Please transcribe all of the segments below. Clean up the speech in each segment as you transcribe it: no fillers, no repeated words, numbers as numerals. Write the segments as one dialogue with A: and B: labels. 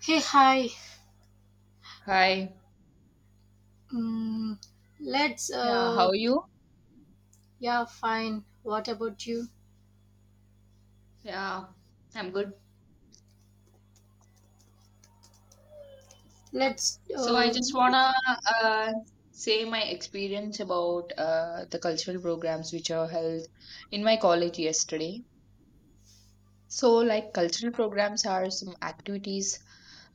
A: Hey, hi.
B: Hi.
A: Mm, let's,
B: Yeah,
A: uh,
B: how are you?
A: yeah, fine. What about you?
B: Yeah, I'm good.
A: Let's,
B: So I
A: uh,
B: just wanna uh, say my experience about the cultural programs which are held in my college yesterday. So like cultural programs are some activities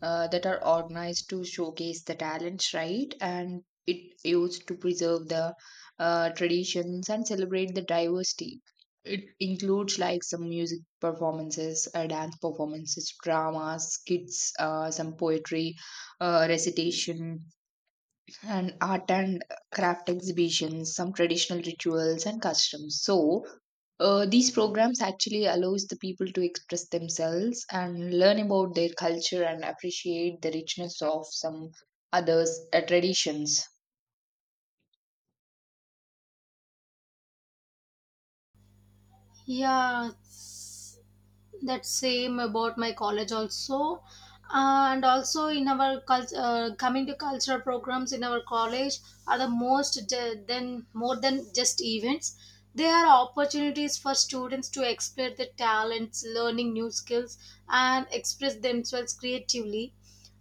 B: that are organized to showcase the talents, right? And it used to preserve the traditions and celebrate the diversity. It includes like some music performances, dance performances, dramas, skits, some poetry, recitation, and art and craft exhibitions, some traditional rituals and customs. So these programs actually allows the people to express themselves and learn about their culture and appreciate the richness of some others traditions.
A: yeah, that same about my college also. Uh, And also in our culture, coming to cultural programs in our college are the most de- than more than just events. They are opportunities for students to explore their talents, learning new skills, and express themselves creatively.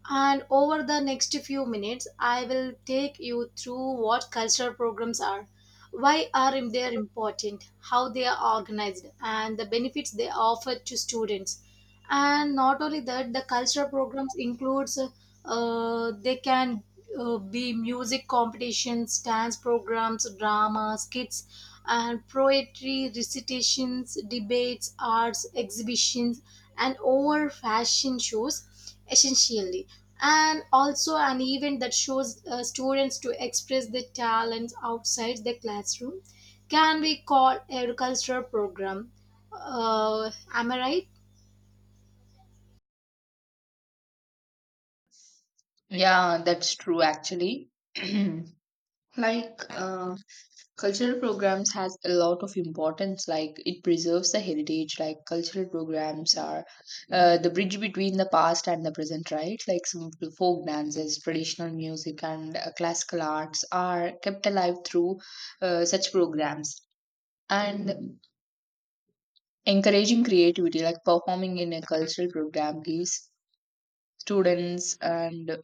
A: And over the next few minutes, I will take you through what cultural programs are, why are they important, how they are organized, and the benefits they offer to students. And not only that, the cultural programs includes they can be music competitions, dance programs, drama, skits, and poetry recitations, debates, arts exhibitions, and over fashion shows, essentially. And also an event that shows students to express their talents outside the classroom can be called a cultural program. Am I right?
B: Yeah, that's true actually. Like cultural programs has a lot of importance, like it preserves the heritage, like cultural programs are the bridge between the past and the present, right? Like some folk dances, traditional music, and classical arts are kept alive through such programs. And encouraging creativity, like performing in a cultural program gives students and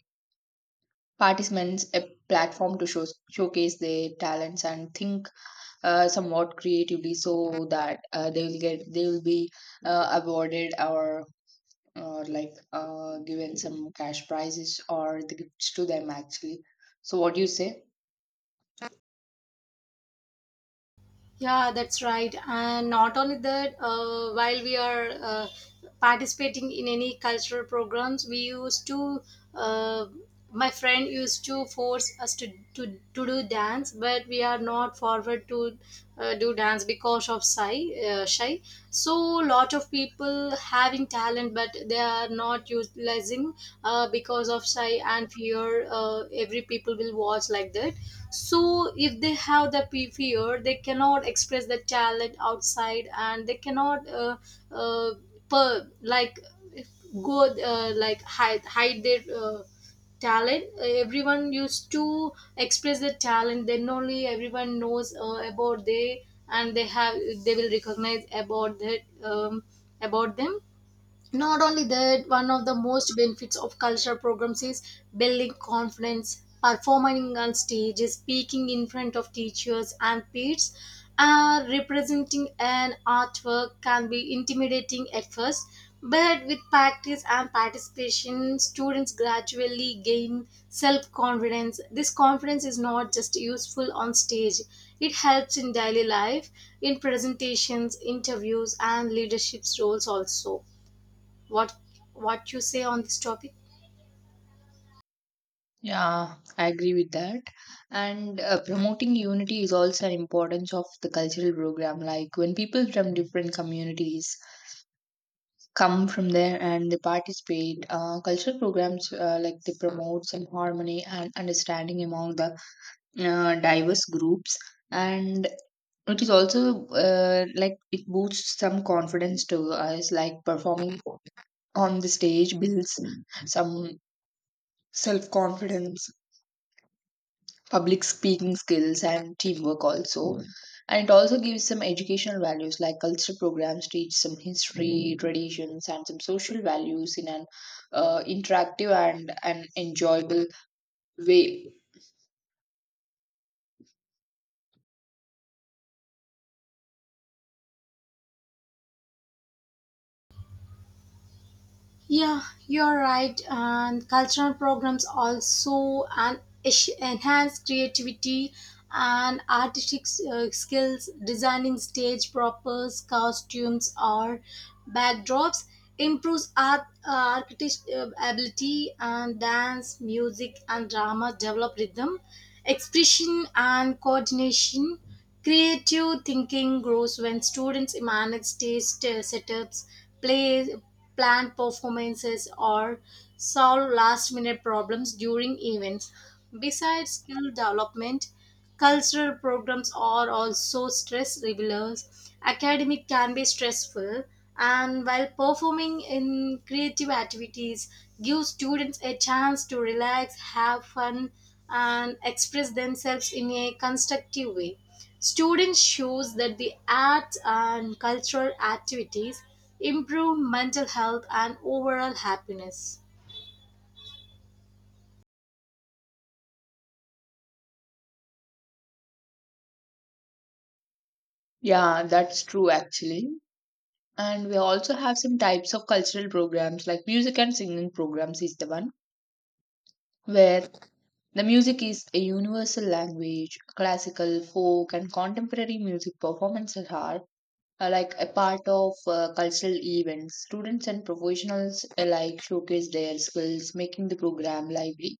B: participants a platform to showcase their talents and think somewhat creatively, so that they will be awarded or like given some cash prizes or the gifts to them actually. So what do you say?
A: Yeah, that's right. And not only that, while we are participating in any cultural programs, we used to, uh, my friend used to force us to do dance, but we are not forward to do dance because of shy. So lot of people having talent, but they are not utilizing because of shy and fear. Every people will watch like that, so if they have the fear, they cannot express the talent outside and they cannot uh, like go like hide their talent. Everyone used to express their talent, then only everyone knows about they, and they have, they will recognize about that, about them. Not only that, one of the most benefits of cultural programs is building confidence, performing on stage, speaking in front of teachers and peers. Representing an artwork can be intimidating at first, but with practice and participation, students gradually gain self-confidence. This confidence is not just useful on stage, it helps in daily life, in presentations, interviews, and leadership roles also. What what you say on this topic?
B: Yeah, I agree with that. And promoting unity is also an importance of the cultural program, like when people from different communities come from there and they participate cultural programs, like they promote some harmony and understanding among the diverse groups. And it is also like it boosts some confidence to us, like performing on the stage builds some self confidence, public speaking skills, and teamwork also. And it also gives some educational values, like cultural programs teach some history, traditions, and some social values in an interactive and an enjoyable way.
A: Yeah, you're right. And cultural programs also and enhance creativity and artistic skills. Designing stage props, costumes, or backdrops improves art architect ability, and dance, music, and drama develop rhythm, expression, and coordination. Creative thinking grows when students manage stage setups, play, plan performances, or solve last minute problems during events. Besides skill development, cultural programs are also stress relievers. Academic can be stressful, and while performing in creative activities, give students a chance to relax, have fun, and express themselves in a constructive way. Students shows that the arts and cultural activities improve mental health and overall happiness.
B: Yeah, that's true actually. And we also have some types of cultural programs, like music and singing programs is the one where the music is a universal language. Classical, folk, and contemporary music performances are like a part of cultural events. Students and professionals alike showcase their skills, making the program lively.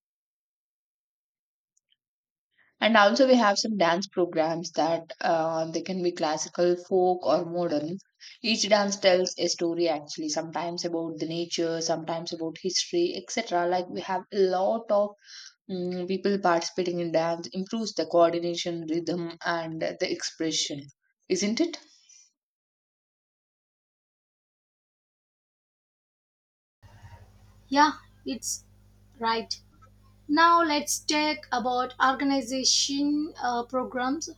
B: And also, we have some dance programs that they can be classical, folk, or modern. Each dance tells a story actually, sometimes about the nature, sometimes about history, etc. Like we have a lot of people participating in dance, improves the coordination, rhythm, and the expression, isn't it?
A: Yeah, it's right. Now let's talk about organization programs.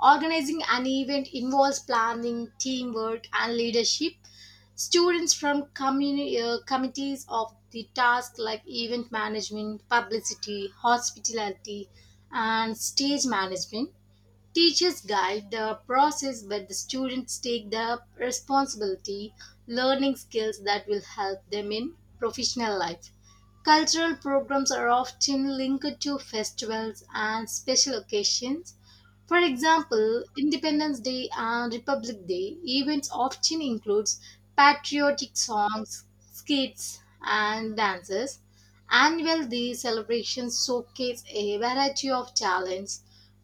A: Organizing an event involves planning, teamwork, and leadership. Students from committees of the task like event management, publicity, hospitality, and stage management. Teachers guide the process, but the students take the responsibility, learning skills that will help them in professional life. Cultural programs are often linked to festivals and special occasions. For example, Independence Day and Republic Day events often includes patriotic songs, skits, and dances. Annual day celebrations showcase a variety of talents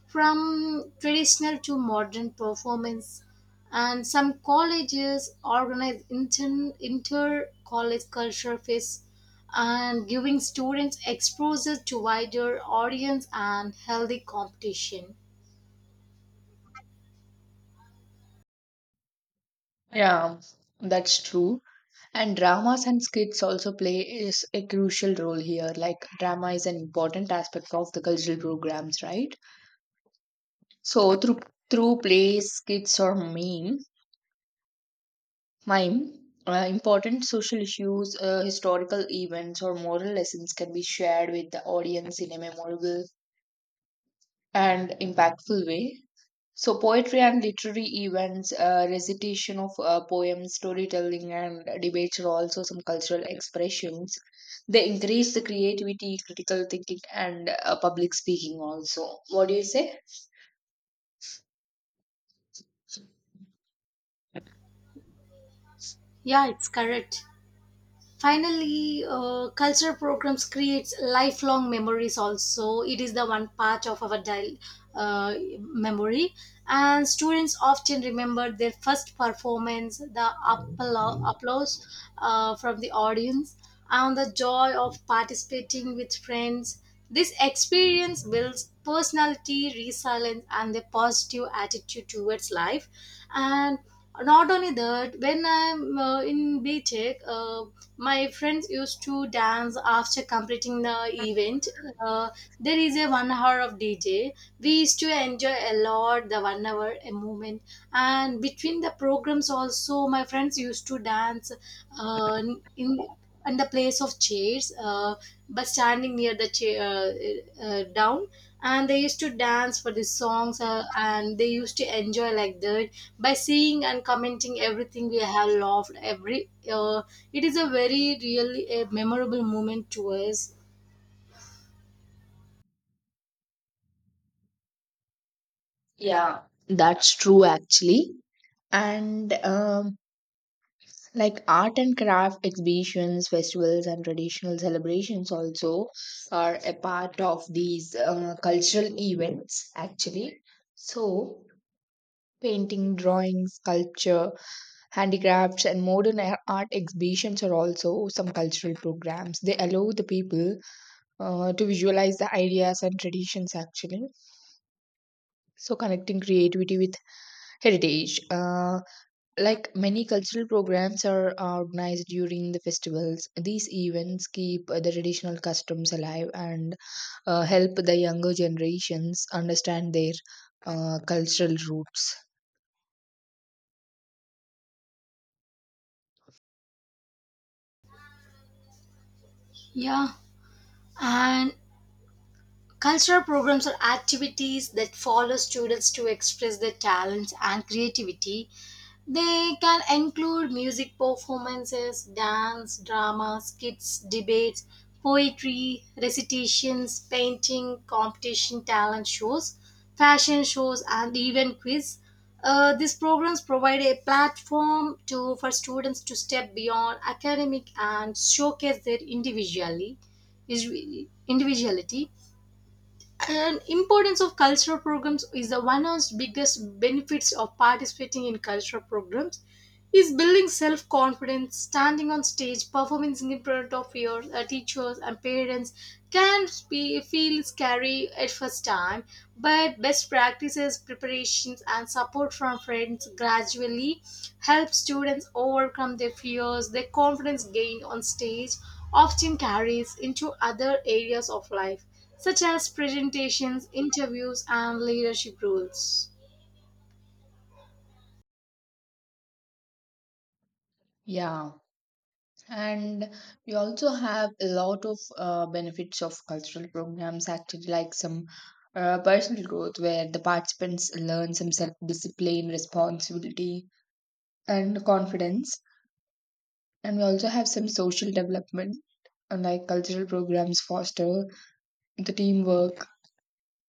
A: from traditional to modern performance, and some colleges organize inter-college culture fests, and giving students exposure to wider audience and healthy competition.
B: Yeah, that's true. And dramas and skits also play is a crucial role here. Like drama is an important aspect of the cultural programs, right? So through plays, skits, or mime, important social issues, historical events, or moral lessons can be shared with the audience in a memorable and impactful way. So poetry and literary events, recitation of poems, storytelling, and debates are also some cultural expressions. They encourage the creativity, critical thinking, and public speaking. Also, what do you say?
A: Yeah, it's correct. Finally, culture programs creates lifelong memories also. It is the one part of our memory, and students often remember their first performance, the applause from the audience, and the joy of participating with friends. This experience builds personality, resilience, and a positive attitude towards life. And not only that, when I'm in btech, my friends used to dance after completing the event. Uh, there is a one hour of DJ. We used to enjoy a lot the one hour a moment. And between the programs also, my friends used to dance uh, in in the place of chairs, but standing near the chair down. And they used to dance for the songs, and they used to enjoy like that. By seeing and commenting everything, we have loved every it is a very really a memorable moment to us.
B: Yeah, that's true. Actually, and like art and craft exhibitions, festivals, and traditional celebrations also are a part of these cultural events actually. So painting, drawing, sculpture, handicrafts, and modern art exhibitions are also some cultural programs. They allow the people to visualize the ideas and traditions actually, so connecting creativity with heritage. Like many cultural programs are organized during the festivals, these events keep the traditional customs alive and help the younger generations understand their cultural roots.
A: Yeah and Cultural programs are activities that follow students to express their talents and creativity. They can include music performances, dance, drama, skits, debates, poetry, recitations, painting, competition, talent shows, fashion shows, and even quiz. These programs provide a platform to for students to step beyond academic and showcase their individuality, and importance of cultural programs is the one of the biggest benefits of participating in cultural programs. He's building self confidence, standing on stage, performing in front of your teachers and parents can be, feel scary at first time, but best practices, preparations, and support from friends gradually help students overcome their fears. Their confidence gained on stage often carries into other areas of life, such as presentations, interviews, and leadership roles.
B: Yeah, and we also have a lot of benefits of cultural programs, actually, like some personal growth where the participants learn some self-discipline, responsibility, and confidence. And we also have some social development. And like cultural programs foster the teamwork,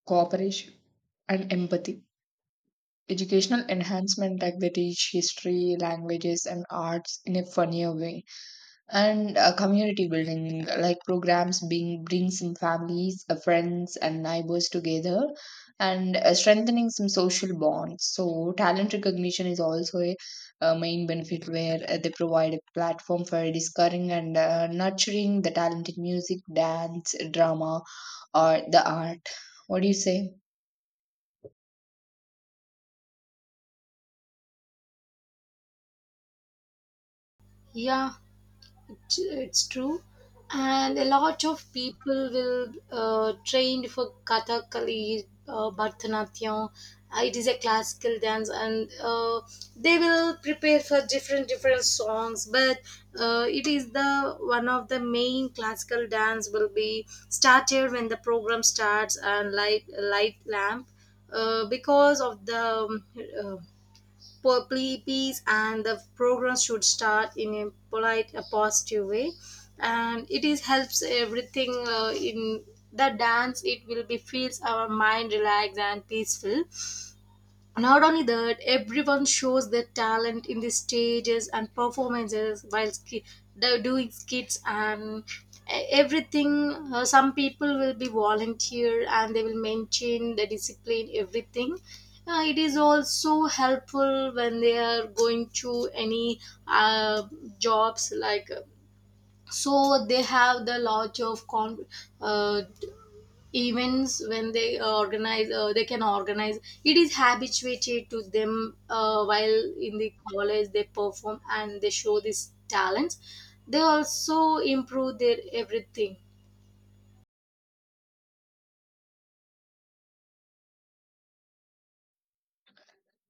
B: cooperation, and empathy. Educational enhancement, like they teach history, languages, and arts in a funnier way, and community building, like programs being bring some families, friends, and neighbors together, and strengthening some social bonds. So talent recognition is also a main benefit, where they provide a platform for discovering and nurturing the talent in music, dance, drama, or the art. What do you say?
A: Yeah, it's true. And a lot of people will trained for kathakali, bharatanatyam. It is a classical dance, and uh, they will prepare for different different songs, but it is the one of the main classical dance will be started when the program starts, and light lamp, because of the uh, peace, and the program should start in a polite a positive way, and it is helps everything in the dance. It will be feels our mind relaxed and peaceful. Not only that, everyone shows their talent in the stages and performances while doing skits and everything. Some people will be volunteer and they will maintain the discipline, everything. It is also helpful when they are going to any uh, jobs like, so they have the lot of uh, events. When they organize, they can organize, it is habituated to them. Uh, while in the college they perform and they show these talents, they also improve their everything.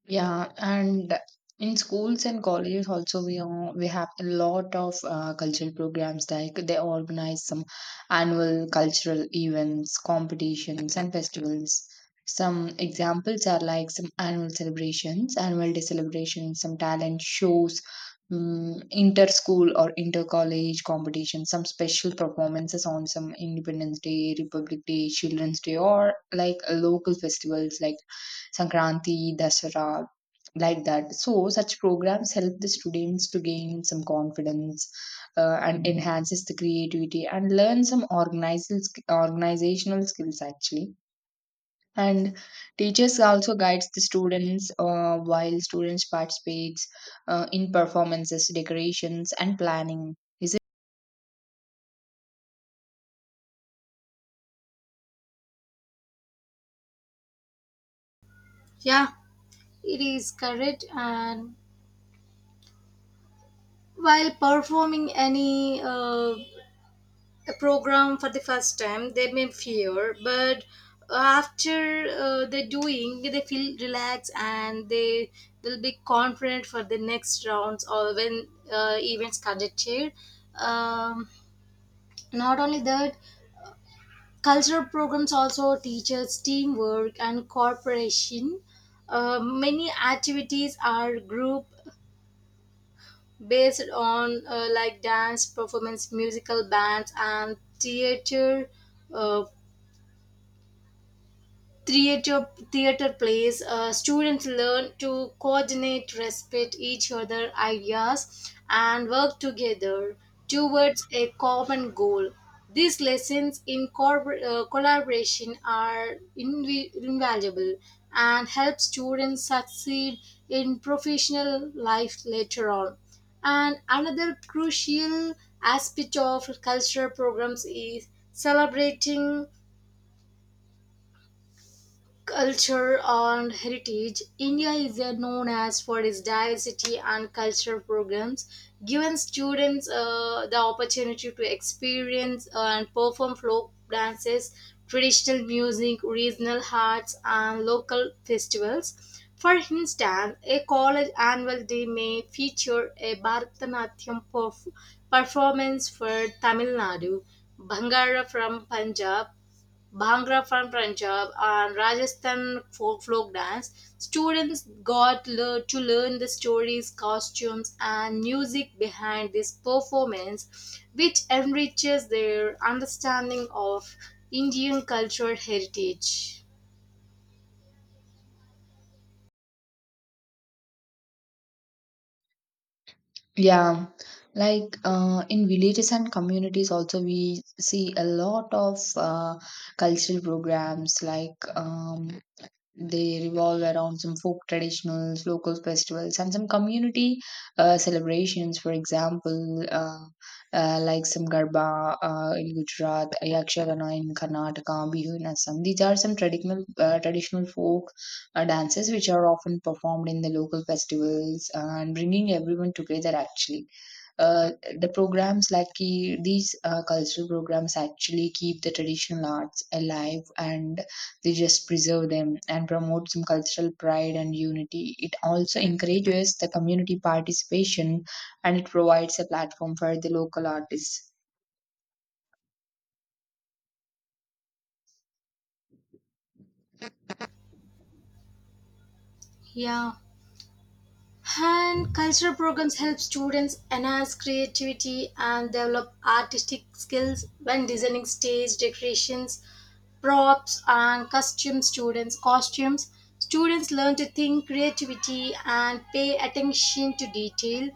B: Yeah, and in schools and colleges also we have a lot of cultural programs, like they organize some annual cultural events, competitions, and festivals. Some examples are like some annual celebrations, annual day celebrations, some talent shows, inter-school or inter-college competitions, some special performances on some Independence Day, Republic Day, Children's Day, or like local festivals like Sankranti, Dasara, like that. So such programs help the students to gain some confidence and enhances the creativity and learn some organizational skills actually. And teachers also guides the students while students participates in performances, decorations, and planning.
A: Yeah, it is correct. And while performing any a program for the first time, they may fear, but after they doing, they feel relaxed and they will be confident for the next rounds or when events conducted. Um, not only that, cultural programs also teaches teamwork and cooperation. Many activities are group based on, like dance performance, musical bands, and uh, theater plays. Uh, students learn to coordinate, respect each other ideas, and work together towards a common goal. These lessons in collaboration are invaluable and help students succeed in professional life later on. And another crucial aspect of cultural programs is celebrating culture and heritage. India is known as for its diversity, and cultural programs, giving students the opportunity to experience and perform folk dances, traditional music, regional arts, and local festivals. For instance, a college annual day may feature a Bharatanatyam performance for Tamil Nadu, Bhangra from Punjab, Bhangra from Punjab, and Rajasthan folk dance. Students got to learn the stories, costumes, and music behind this performance, which enriches their understanding of Indian cultural heritage.
B: Yeah, like in villages and communities, also we see a lot of cultural programs, like they revolve around some folk traditionals, local festivals, and some community celebrations. For example, like some Garba in Gujarat, Yakshagana in Karnataka, Bihu in Assam. These are some traditional folk dances which are often performed in the local festivals and bringing everyone together actually. uh, the programs like these cultural programs actually keep the traditional arts alive, and they just preserve them and promote some cultural pride and unity. It also encourages the community participation, and it provides a platform for the local artists.
A: Yeah. And cultural programs help students enhance creativity and develop artistic skills when designing stage decorations, props, and costume students costumes. Students learn to think creativity and pay attention to detail.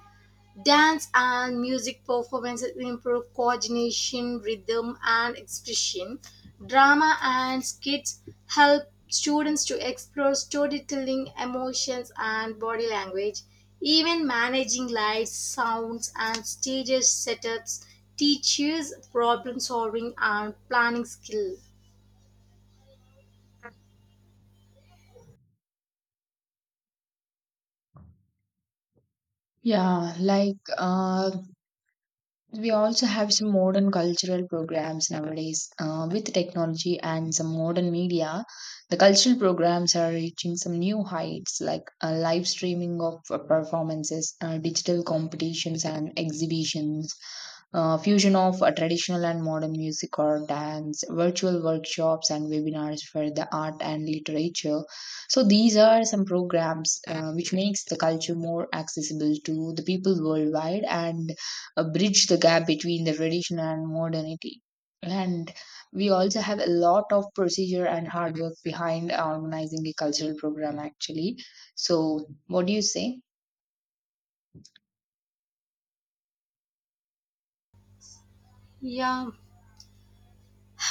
A: Dance and music performances improve coordination, rhythm, and expression. Drama and skits help students to explore storytelling, emotions, and body language. Even managing lights, sounds, and stage setups teaches problem solving and planning skill.
B: Yeah, like we also have some modern cultural programs nowadays with technology and some modern media. The cultural programs are reaching some new heights, like live streaming of performances, digital competitions, and exhibitions, fusion of traditional and modern music or dance, virtual workshops, and webinars for the art and literature. So, these are some programs which makes the culture more accessible to the people worldwide and bridge the gap between the tradition and modernity. And we also have a lot of procedure and hard work behind organizing a cultural program, actually. So, what do you say?
A: Yeah.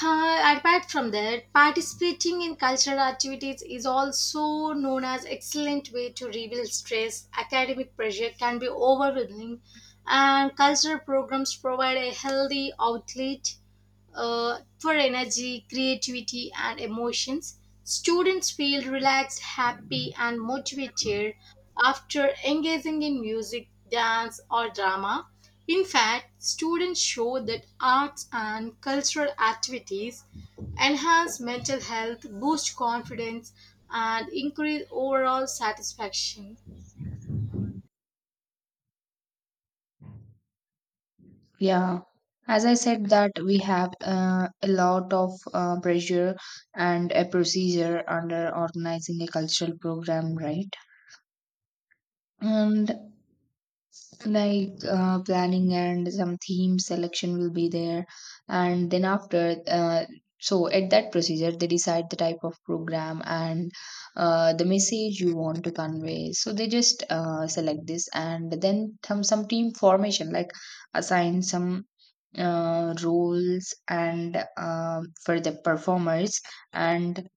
A: Apart from that, participating in cultural activities is also known as excellent way to reveal stress. Academic pressure can be overwhelming, and cultural programs provide a healthy outlet for energy, creativity, and emotions. Students feel relaxed, happy, and motivated after engaging in music, dance, or drama. In fact, students show that arts and cultural activities enhance mental health, boost confidence, and increase overall satisfaction.
B: Yeah. As I said, that we have a lot of pressure and a procedure under organizing a cultural program, right? And like planning and some theme selection will be there, and then after so at that procedure they decide the type of program and the message you want to convey, so they just select this. And then some team formation, like assign some roles and for the performers, and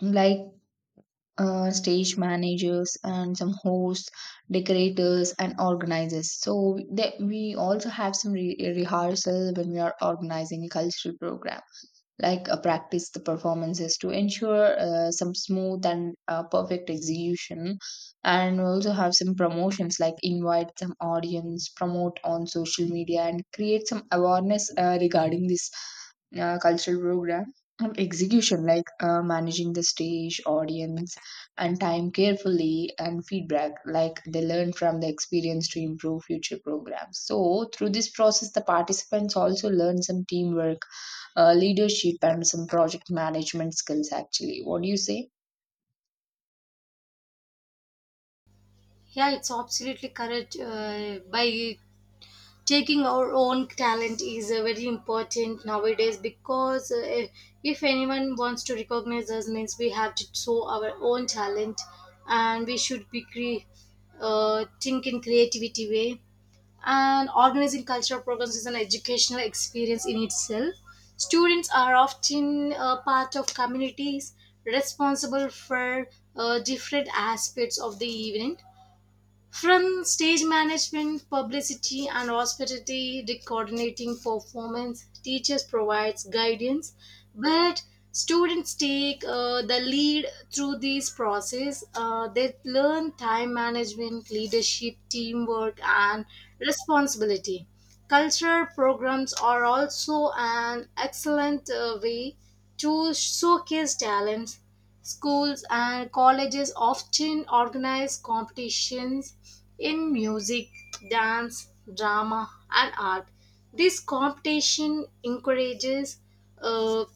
B: like stage managers and some hosts, decorators, and organizers. So that we also have some rehearsal when we are organizing a cultural program, like a practice the performances to ensure some smooth and perfect execution. And also have some promotions, like invite some audience, promote on social media, and create some awareness regarding this cultural program. And execution, like managing the stage, audience, and time carefully. And feedback, like they learn from the experience to improve future programs. So through this process the participants also learn some teamwork, leadership, and some project management skills actually. What do you say?
A: Yeah, it's absolutely correct. By taking our own talent is very important nowadays, because if anyone wants to recognize us means we have to show our own talent, and we should be think in creativity way. And organizing cultural programs is an educational experience in itself. Students are often a part of communities responsible for different aspects of the event. From stage management, publicity, and hospitality to coordinating performance, teachers provides guidance, but students take the lead through this process. They learn time management, leadership, teamwork, and responsibility. Cultural programs are also an excellent way to showcase talents. Schools and colleges often organize competitions in music, dance, drama, and art. This competition encourages uh,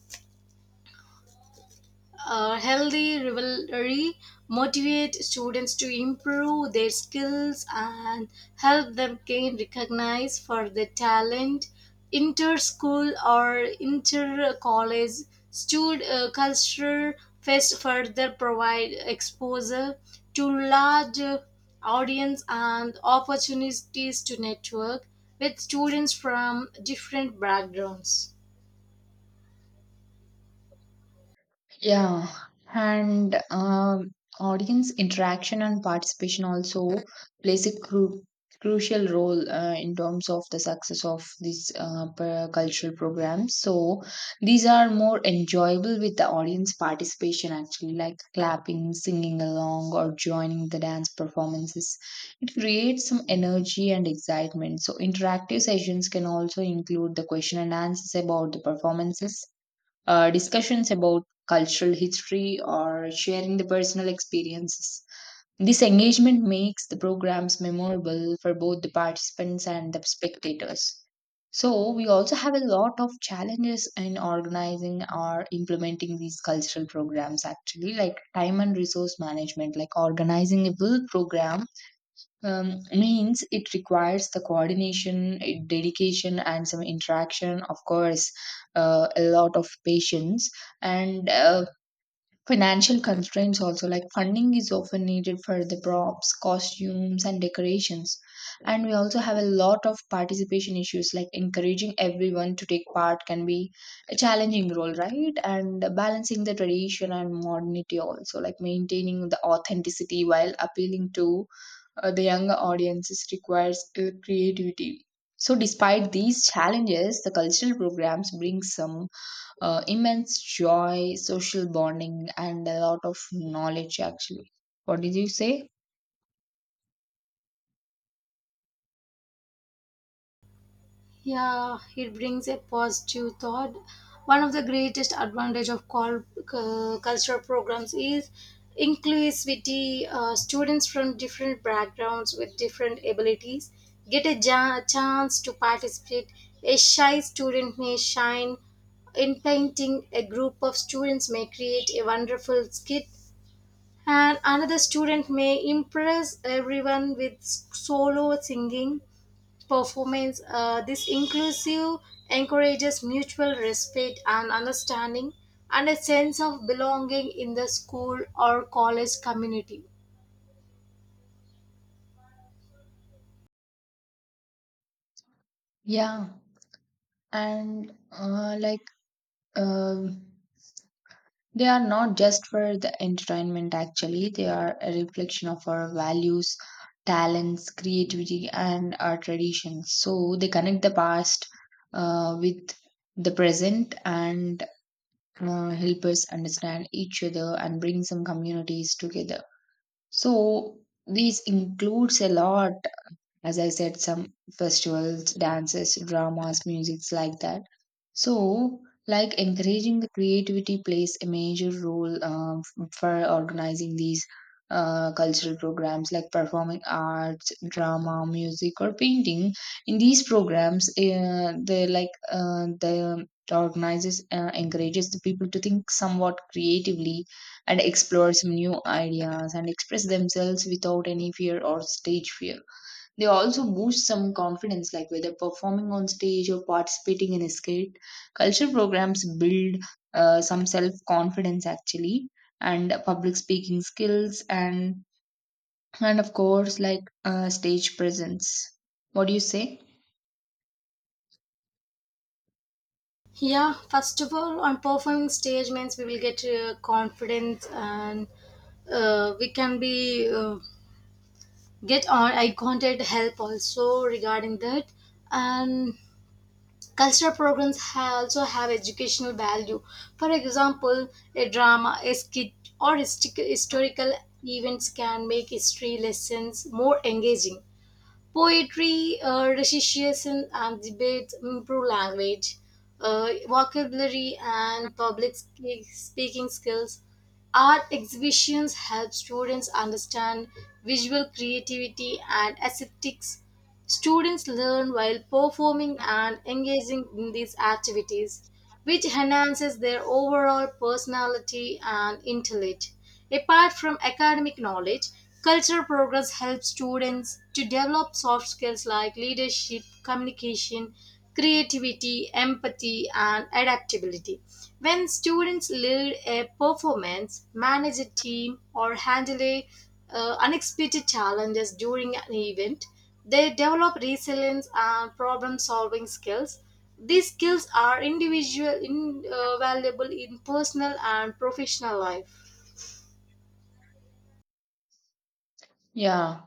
A: healthy rivalry, motivate students to improve their skills, and help them gain recognized for their talent. Inter-school or inter-college stud culture fest further provide exposure to large audience and opportunities to network with students from different backgrounds.
B: Yeah, and audience interaction and participation also plays a crucial role in terms of the success of these cultural programs. So these are more enjoyable with the audience participation, actually, like clapping, singing along, or joining the dance performances. It creates some energy and excitement. So interactive sessions can also include the question and answers about the performances, discussions about cultural history, or sharing the personal experiences. This engagement makes the programs memorable for both the participants and the spectators. So, we also have a lot of challenges in organizing or implementing these cultural programs, actually, like time and resource management, like organizing a full program means it requires the coordination, dedication, and some interaction, of course, a lot of patience. And financial constraints also, like funding is often needed for the props, costumes, and decorations. And we also have a lot of participation issues, like encouraging everyone to take part can be a challenging role, right? And balancing the tradition and modernity also, like maintaining the authenticity while appealing to the younger audiences requires creativity. So, despite these challenges, the cultural programs bring some immense joy, social bonding, and a lot of knowledge actually. What did you say?
A: Yeah, it brings a positive thought. One of the greatest advantage of cultural programs is inclusivity. Students from different backgrounds with different abilities get a chance to participate. A shy student may shine in painting. A group of students may create a wonderful skit, and another student may impress everyone with solo singing performance. This inclusive encourages mutual respect and understanding and a sense of belonging in the school or college community.
B: Yeah, and like um they are not just for the entertainment actually, they are a reflection of our values, talents, creativity, and our traditions. So they connect the past with the present, and help us understand each other and bring some communities together. So these includes a lot, as I said, some festivals, dances, dramas, musics, like that. So, like encouraging the creativity plays a major role for organizing these cultural programs like performing arts, drama, music, or painting. In these programs, they the organizers encourages the people to think somewhat creatively and explore some new ideas and express themselves without any fear or stage fear. They also boost some confidence, like whether performing on stage or participating in a skit. Culture programs build some self confidence actually, and public speaking skills, and of course stage presence. What do you say?
A: Yeah, first of all, on performing stage means we will get confidence and we can be get on. I contact help also regarding that, and cultural programs also have educational value. For example, a drama, a skit, or historical events can make history lessons more engaging. Poetry, recitation, and debates improve language, vocabulary, and public speaking skills. Art exhibitions help students understand visual creativity and aesthetics. Students learn while performing and engaging in these activities, which enhances their overall personality and intellect. Apart from academic knowledge, cultural progress helps students to develop soft skills like leadership, communication, creativity, empathy, and adaptability. When students lead a performance, manage a team, or handle a, unexpected challenges during an event, they develop resilience and problem solving skills. These skills are individual invaluable in personal and professional life.
B: Yeah.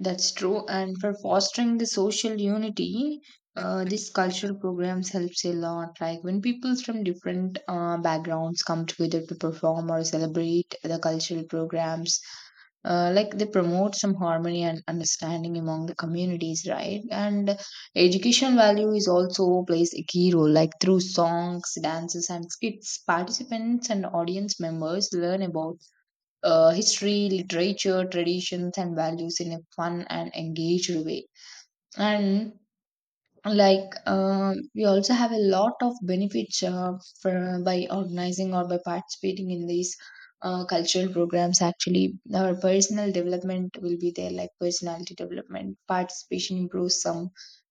B: That's true. And for fostering the social unity, these cultural programs helps a lot. Like when people from different backgrounds come together to perform or celebrate the cultural programs, they promote some harmony and understanding among the communities, right? And educational value is also plays a key role. Like through songs, dances, and skits, participants and audience members learn about history, literature, traditions, and values in a fun and engaged way. And we also have a lot of benefits for, by organizing or by participating in these cultural programs. Actually, our personal development will be there, like personality development. Participation improves some.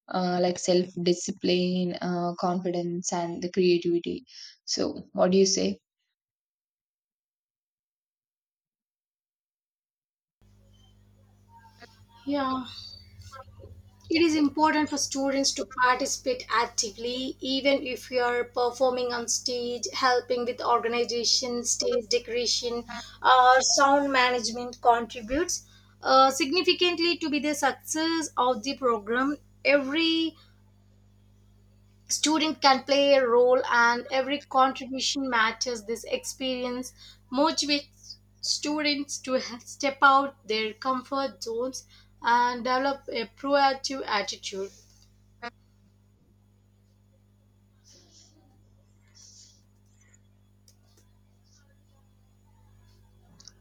B: Self discipline, confidence, and the creativity. So, what do you say?
A: Yeah, it is important for students to participate actively, even if you are performing on stage, helping with organization, stage decoration, or sound management contributes significantly to be the success of the program. Every student can play a role and every contribution matters. This experience motivates students to step out their comfort zones and develop a proactive attitude.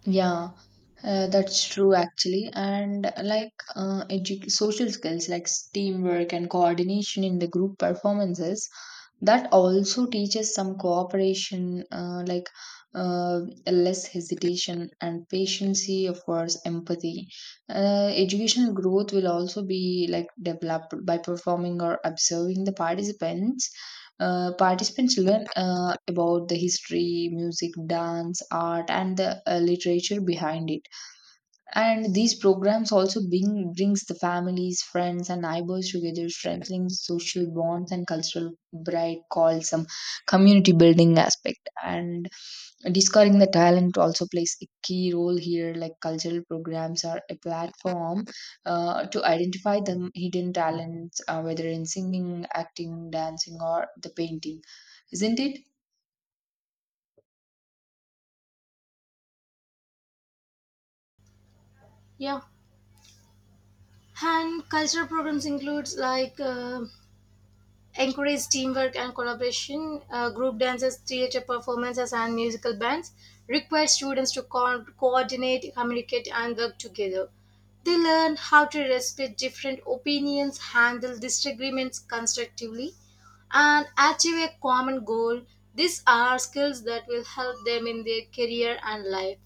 B: Yeah, that's true actually. And edu social skills like teamwork and coordination in the group performances that also teaches some cooperation uh, less hesitation and patience of course empathy educational growth will also be like developed by performing or observing the participants participants learn about the history music dance art and the literature behind it and these programs also brings the families, friends, and neighbors together, strengthening social bonds and cultural bright called some community building aspect. And discovering the talent also plays a key role here. Like cultural programs are a platform to identify the hidden talents, whether in singing, acting, dancing, or the painting, isn't it?
A: Yeah. And cultural programs includes encourage teamwork and collaboration. Group dances, theater performances, and musical bands require students to coordinate, communicate, and work together. They learn how to respect different opinions, handle disagreements constructively, and achieve a common goal. These are skills that will help them in their career and life,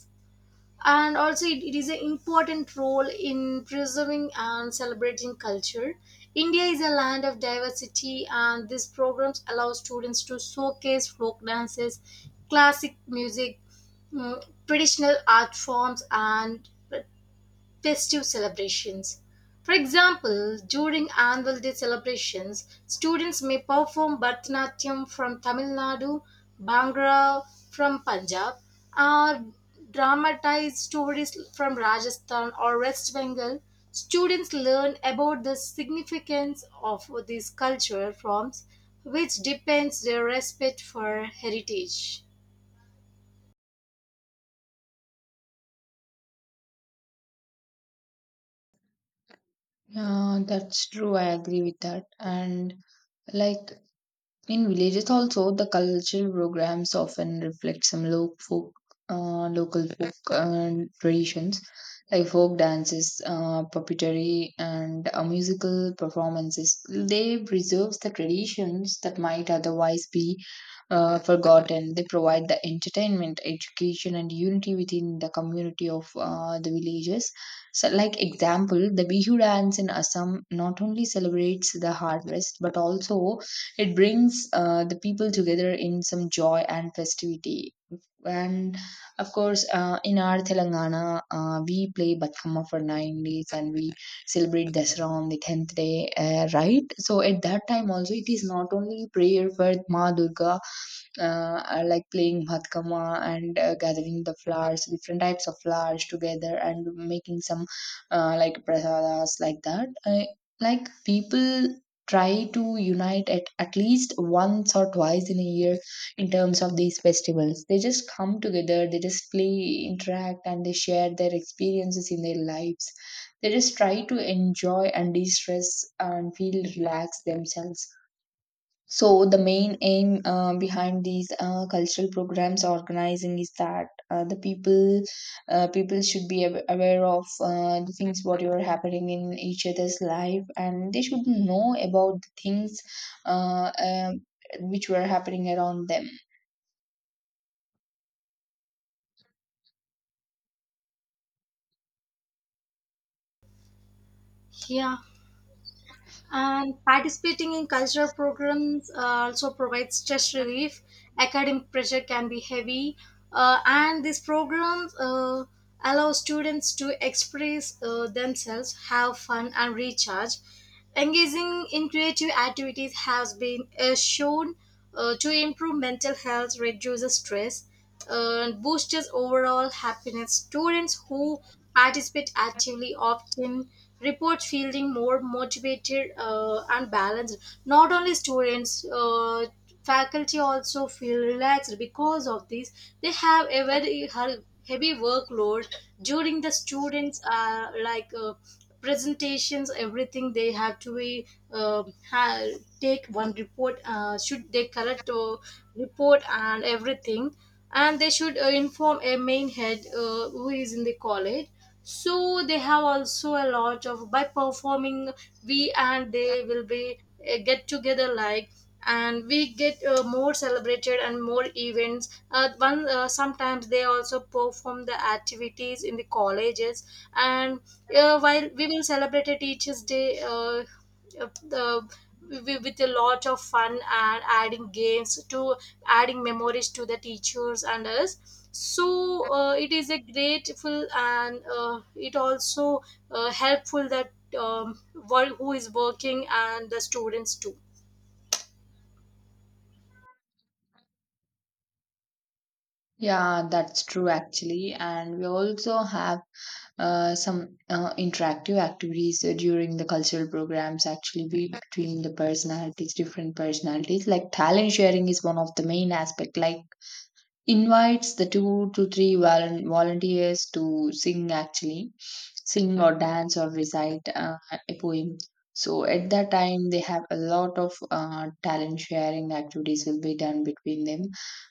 A: and also it is an important role in preserving and celebrating culture. India is a land of diversity and these programs allow students to showcase folk dances, classic music, traditional art forms and festive celebrations. For example, during Annual Day celebrations, students may perform Bharatanatyam from Tamil Nadu, Bhangra from Punjab, or dramatize stories from Rajasthan or West Bengal. Students learn about the significance of these cultural forms, which depends their respect for heritage.
B: Yeah, that's true. I agree with that. And like in villages also, the cultural programs often reflect some folk, local folk traditions like folk dances, puppetry, and musical performances. They preserves the traditions that might otherwise be forgotten. They provide the entertainment, education, and unity within the community of the villages. So, like example, the Bihu dance in Assam not only celebrates the harvest but also it brings the people together in some joy and festivity and of course, in our Telangana, we play Batkama for 9 days and we celebrate Dasara on the tenth day, right? So at that time also, it is not only prayer for Ma Durga, are like playing bhatkama and gathering the flowers, different types of flowers together, and making some prasadas like that. I, like people try to unite at least once or twice in a year in terms of these festivals. They just come together, they just play, interact, and they share their experiences in their lives. They just try to enjoy and de stress and feel relaxed themselves so the main aim behind these cultural programs organizing is that uh, the people people should be aware of the things what are happening in each other's life, and they should know about the things uh, um which were happening around them.
A: Yeah. And participating in cultural programs also provides stress relief. Academic pressure can be heavy, and these programs allow students to express themselves, have fun, and recharge. Engaging in creative activities has been shown to improve mental health, reduces stress, boosts overall happiness. Students who participate actively often report feeling more motivated and balanced. Not only students, faculty also feel relaxed because of this. They have a very heavy workload during the students like. Presentations everything they have to be uh, ha- take one report should they correct report and everything, and they should inform a main head who is in the college, so they have also a lot of by performing we and they will be get together like, and we get more celebrated and more events one sometimes they also perform the activities in the colleges, and while we will celebrate a teachers day, the with a lot of fun and adding games to adding memories to the teachers and us. So it is a grateful and it also helpful that um, who is working and the students too.
B: Yeah, that's true actually, and we also have some interactive activities during the cultural programs actually be between the personalities different personalities like talent sharing is one of the main aspect like invites the two to three volunteers to sing actually sing or dance or recite a poem so at that time they have a lot of talent sharing activities will be done between them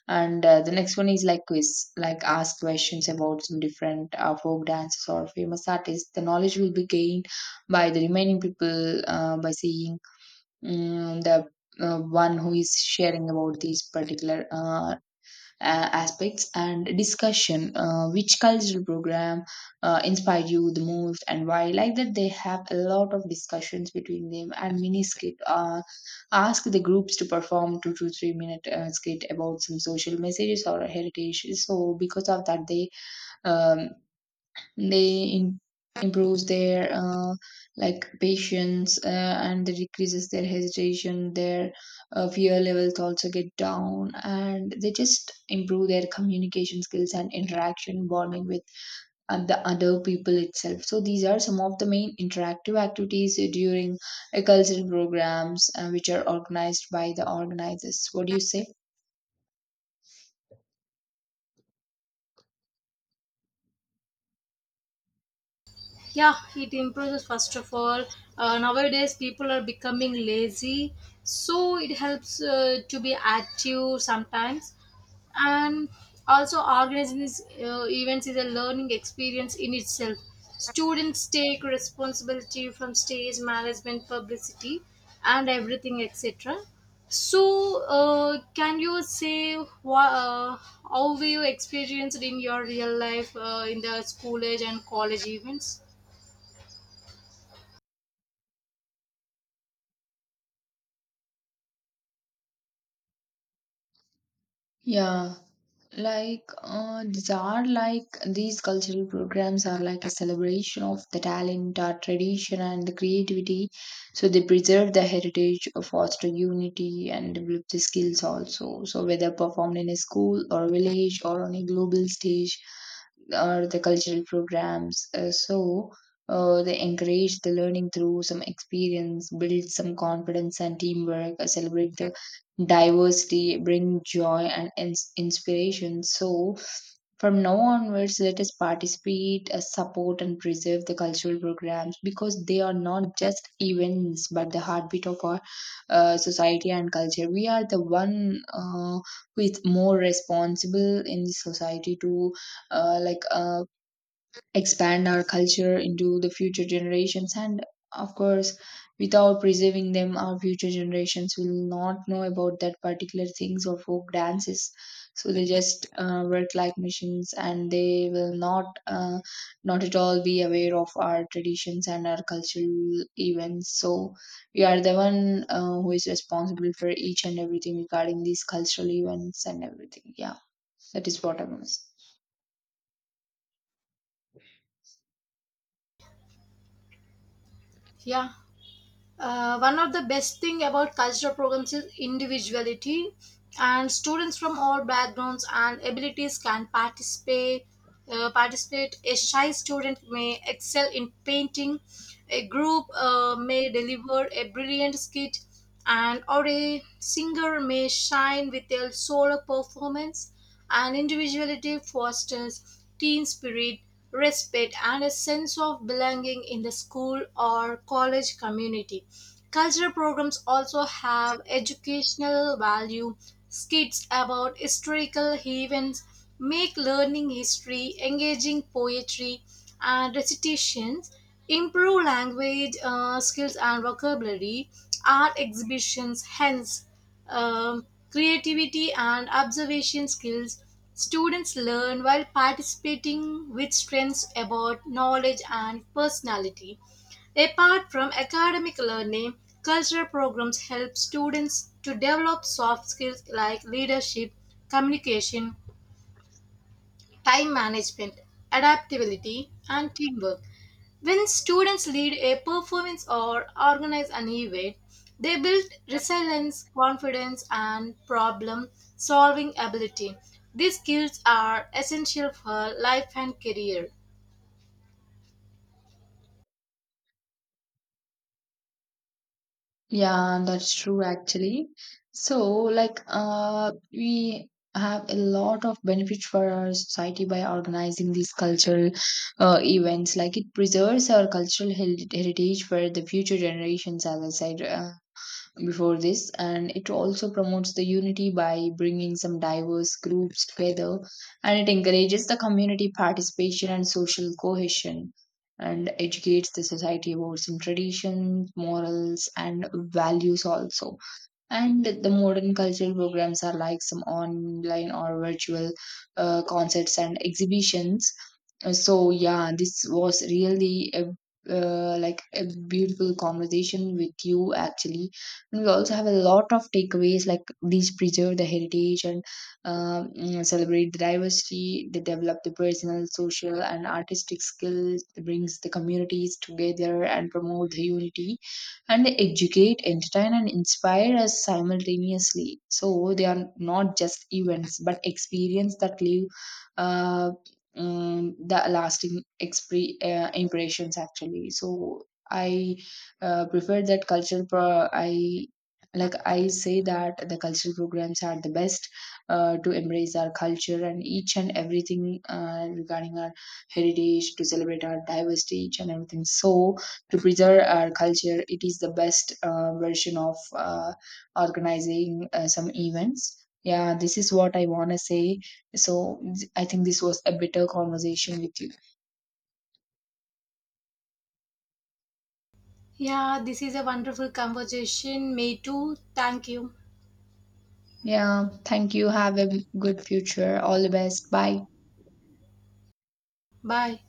B: and the next one is like quiz like ask questions about some different folk dances or famous artists the knowledge will be gained by the remaining people by seeing the one who is sharing about these particular aspects and discussion which cultural program inspired you the most and why like that they have a lot of discussions between them and mini skit ask the groups to perform 2 to 3 minute skit about some social messages or heritage so because of that um, they improves their patience and they decreases their hesitation their fear levels also get down and they just improve their communication skills and interaction bonding with the other people itself so these are some of the main interactive activities during cultural programs which are organized by the organizers what do you say
A: Yeah, it improves first of all. Nowadays people are becoming lazy, so it helps to be active sometimes. And also organizing these events is a learning experience in itself. Students take responsibility from stage management, publicity, and everything, etc. So can you say wha- uh, how were you experienced in your real life in the school age and college events?
B: yeah like, these are like these cultural programs are like a celebration of the talent, our tradition, and the creativity. So they preserve the heritage, foster unity, and develop the skills also. So whether performed in a school or village or on a global stage, or the cultural programs. They encourage the learning through some experience, build some confidence and teamwork, celebrate the diversity bring joy and inspiration so from now onwards let us participate support and preserve the cultural programs because they are not just events but the heartbeat of our society and culture we are the one who is more responsible in the society to uh, like uh, expand our culture into the future generations and of course without preserving them our future generations will not know about that particular things or folk dances so they just work like machines and they will not not at all be aware of our traditions and our cultural events so we are the one who is responsible for each and everything regarding these cultural events and everything yeah that is what I must.
A: Yeah, one of the best thing about cultural programs is individuality, and students from all backgrounds and abilities can participate. A shy student may excel in painting. A group may deliver a brilliant skit. And or a singer may shine with their solo performance, and individuality fosters team spirit, respect, and a sense of belonging in the school or college community. Cultural programs also have educational value. Skits about historical events make learning history engaging. Poetry and recitations improve language skills and vocabulary. Art exhibitions, hence creativity and observation skills. Students learn while participating with strengths about knowledge and personality. Apart from academic learning, cultural programs help students to develop soft skills like leadership, communication, time management, adaptability, and teamwork. When students lead a performance or organize an event, they build resilience, confidence, and problem solving ability. These skills are essential for life and career.
B: Yeah, that's true actually. So, like, we have a lot of benefits for our society by organizing these cultural events. Like, it preserves our cultural heritage for the future generations, as I said. Before this and it also promotes the unity by bringing some diverse groups together and it encourages the community participation and social cohesion and educates the society about some traditions morals and values also and the modern cultural programs are like some online or virtual concerts and exhibitions so yeah this was really a a beautiful conversation with you actually and we also have a lot of takeaways like these preserve the heritage and celebrate the diversity they develop the personal social and artistic skills it brings the communities together and promote the unity and they educate entertain and inspire us simultaneously so they are not just events but experience that live uh, and the lasting impressions actually so I prefer that cultural. I like I say that the cultural programs are the best to embrace our culture and each and everything regarding our heritage to celebrate our diversity each and everything so to preserve our culture it is the best version of organizing some events yeah this is what I want to say so I think this was a bitter conversation with you.
A: Yeah, this is a wonderful conversation. Me too. Thank you.
B: Yeah, thank you. Have a good future. All the best. Bye.
A: Bye.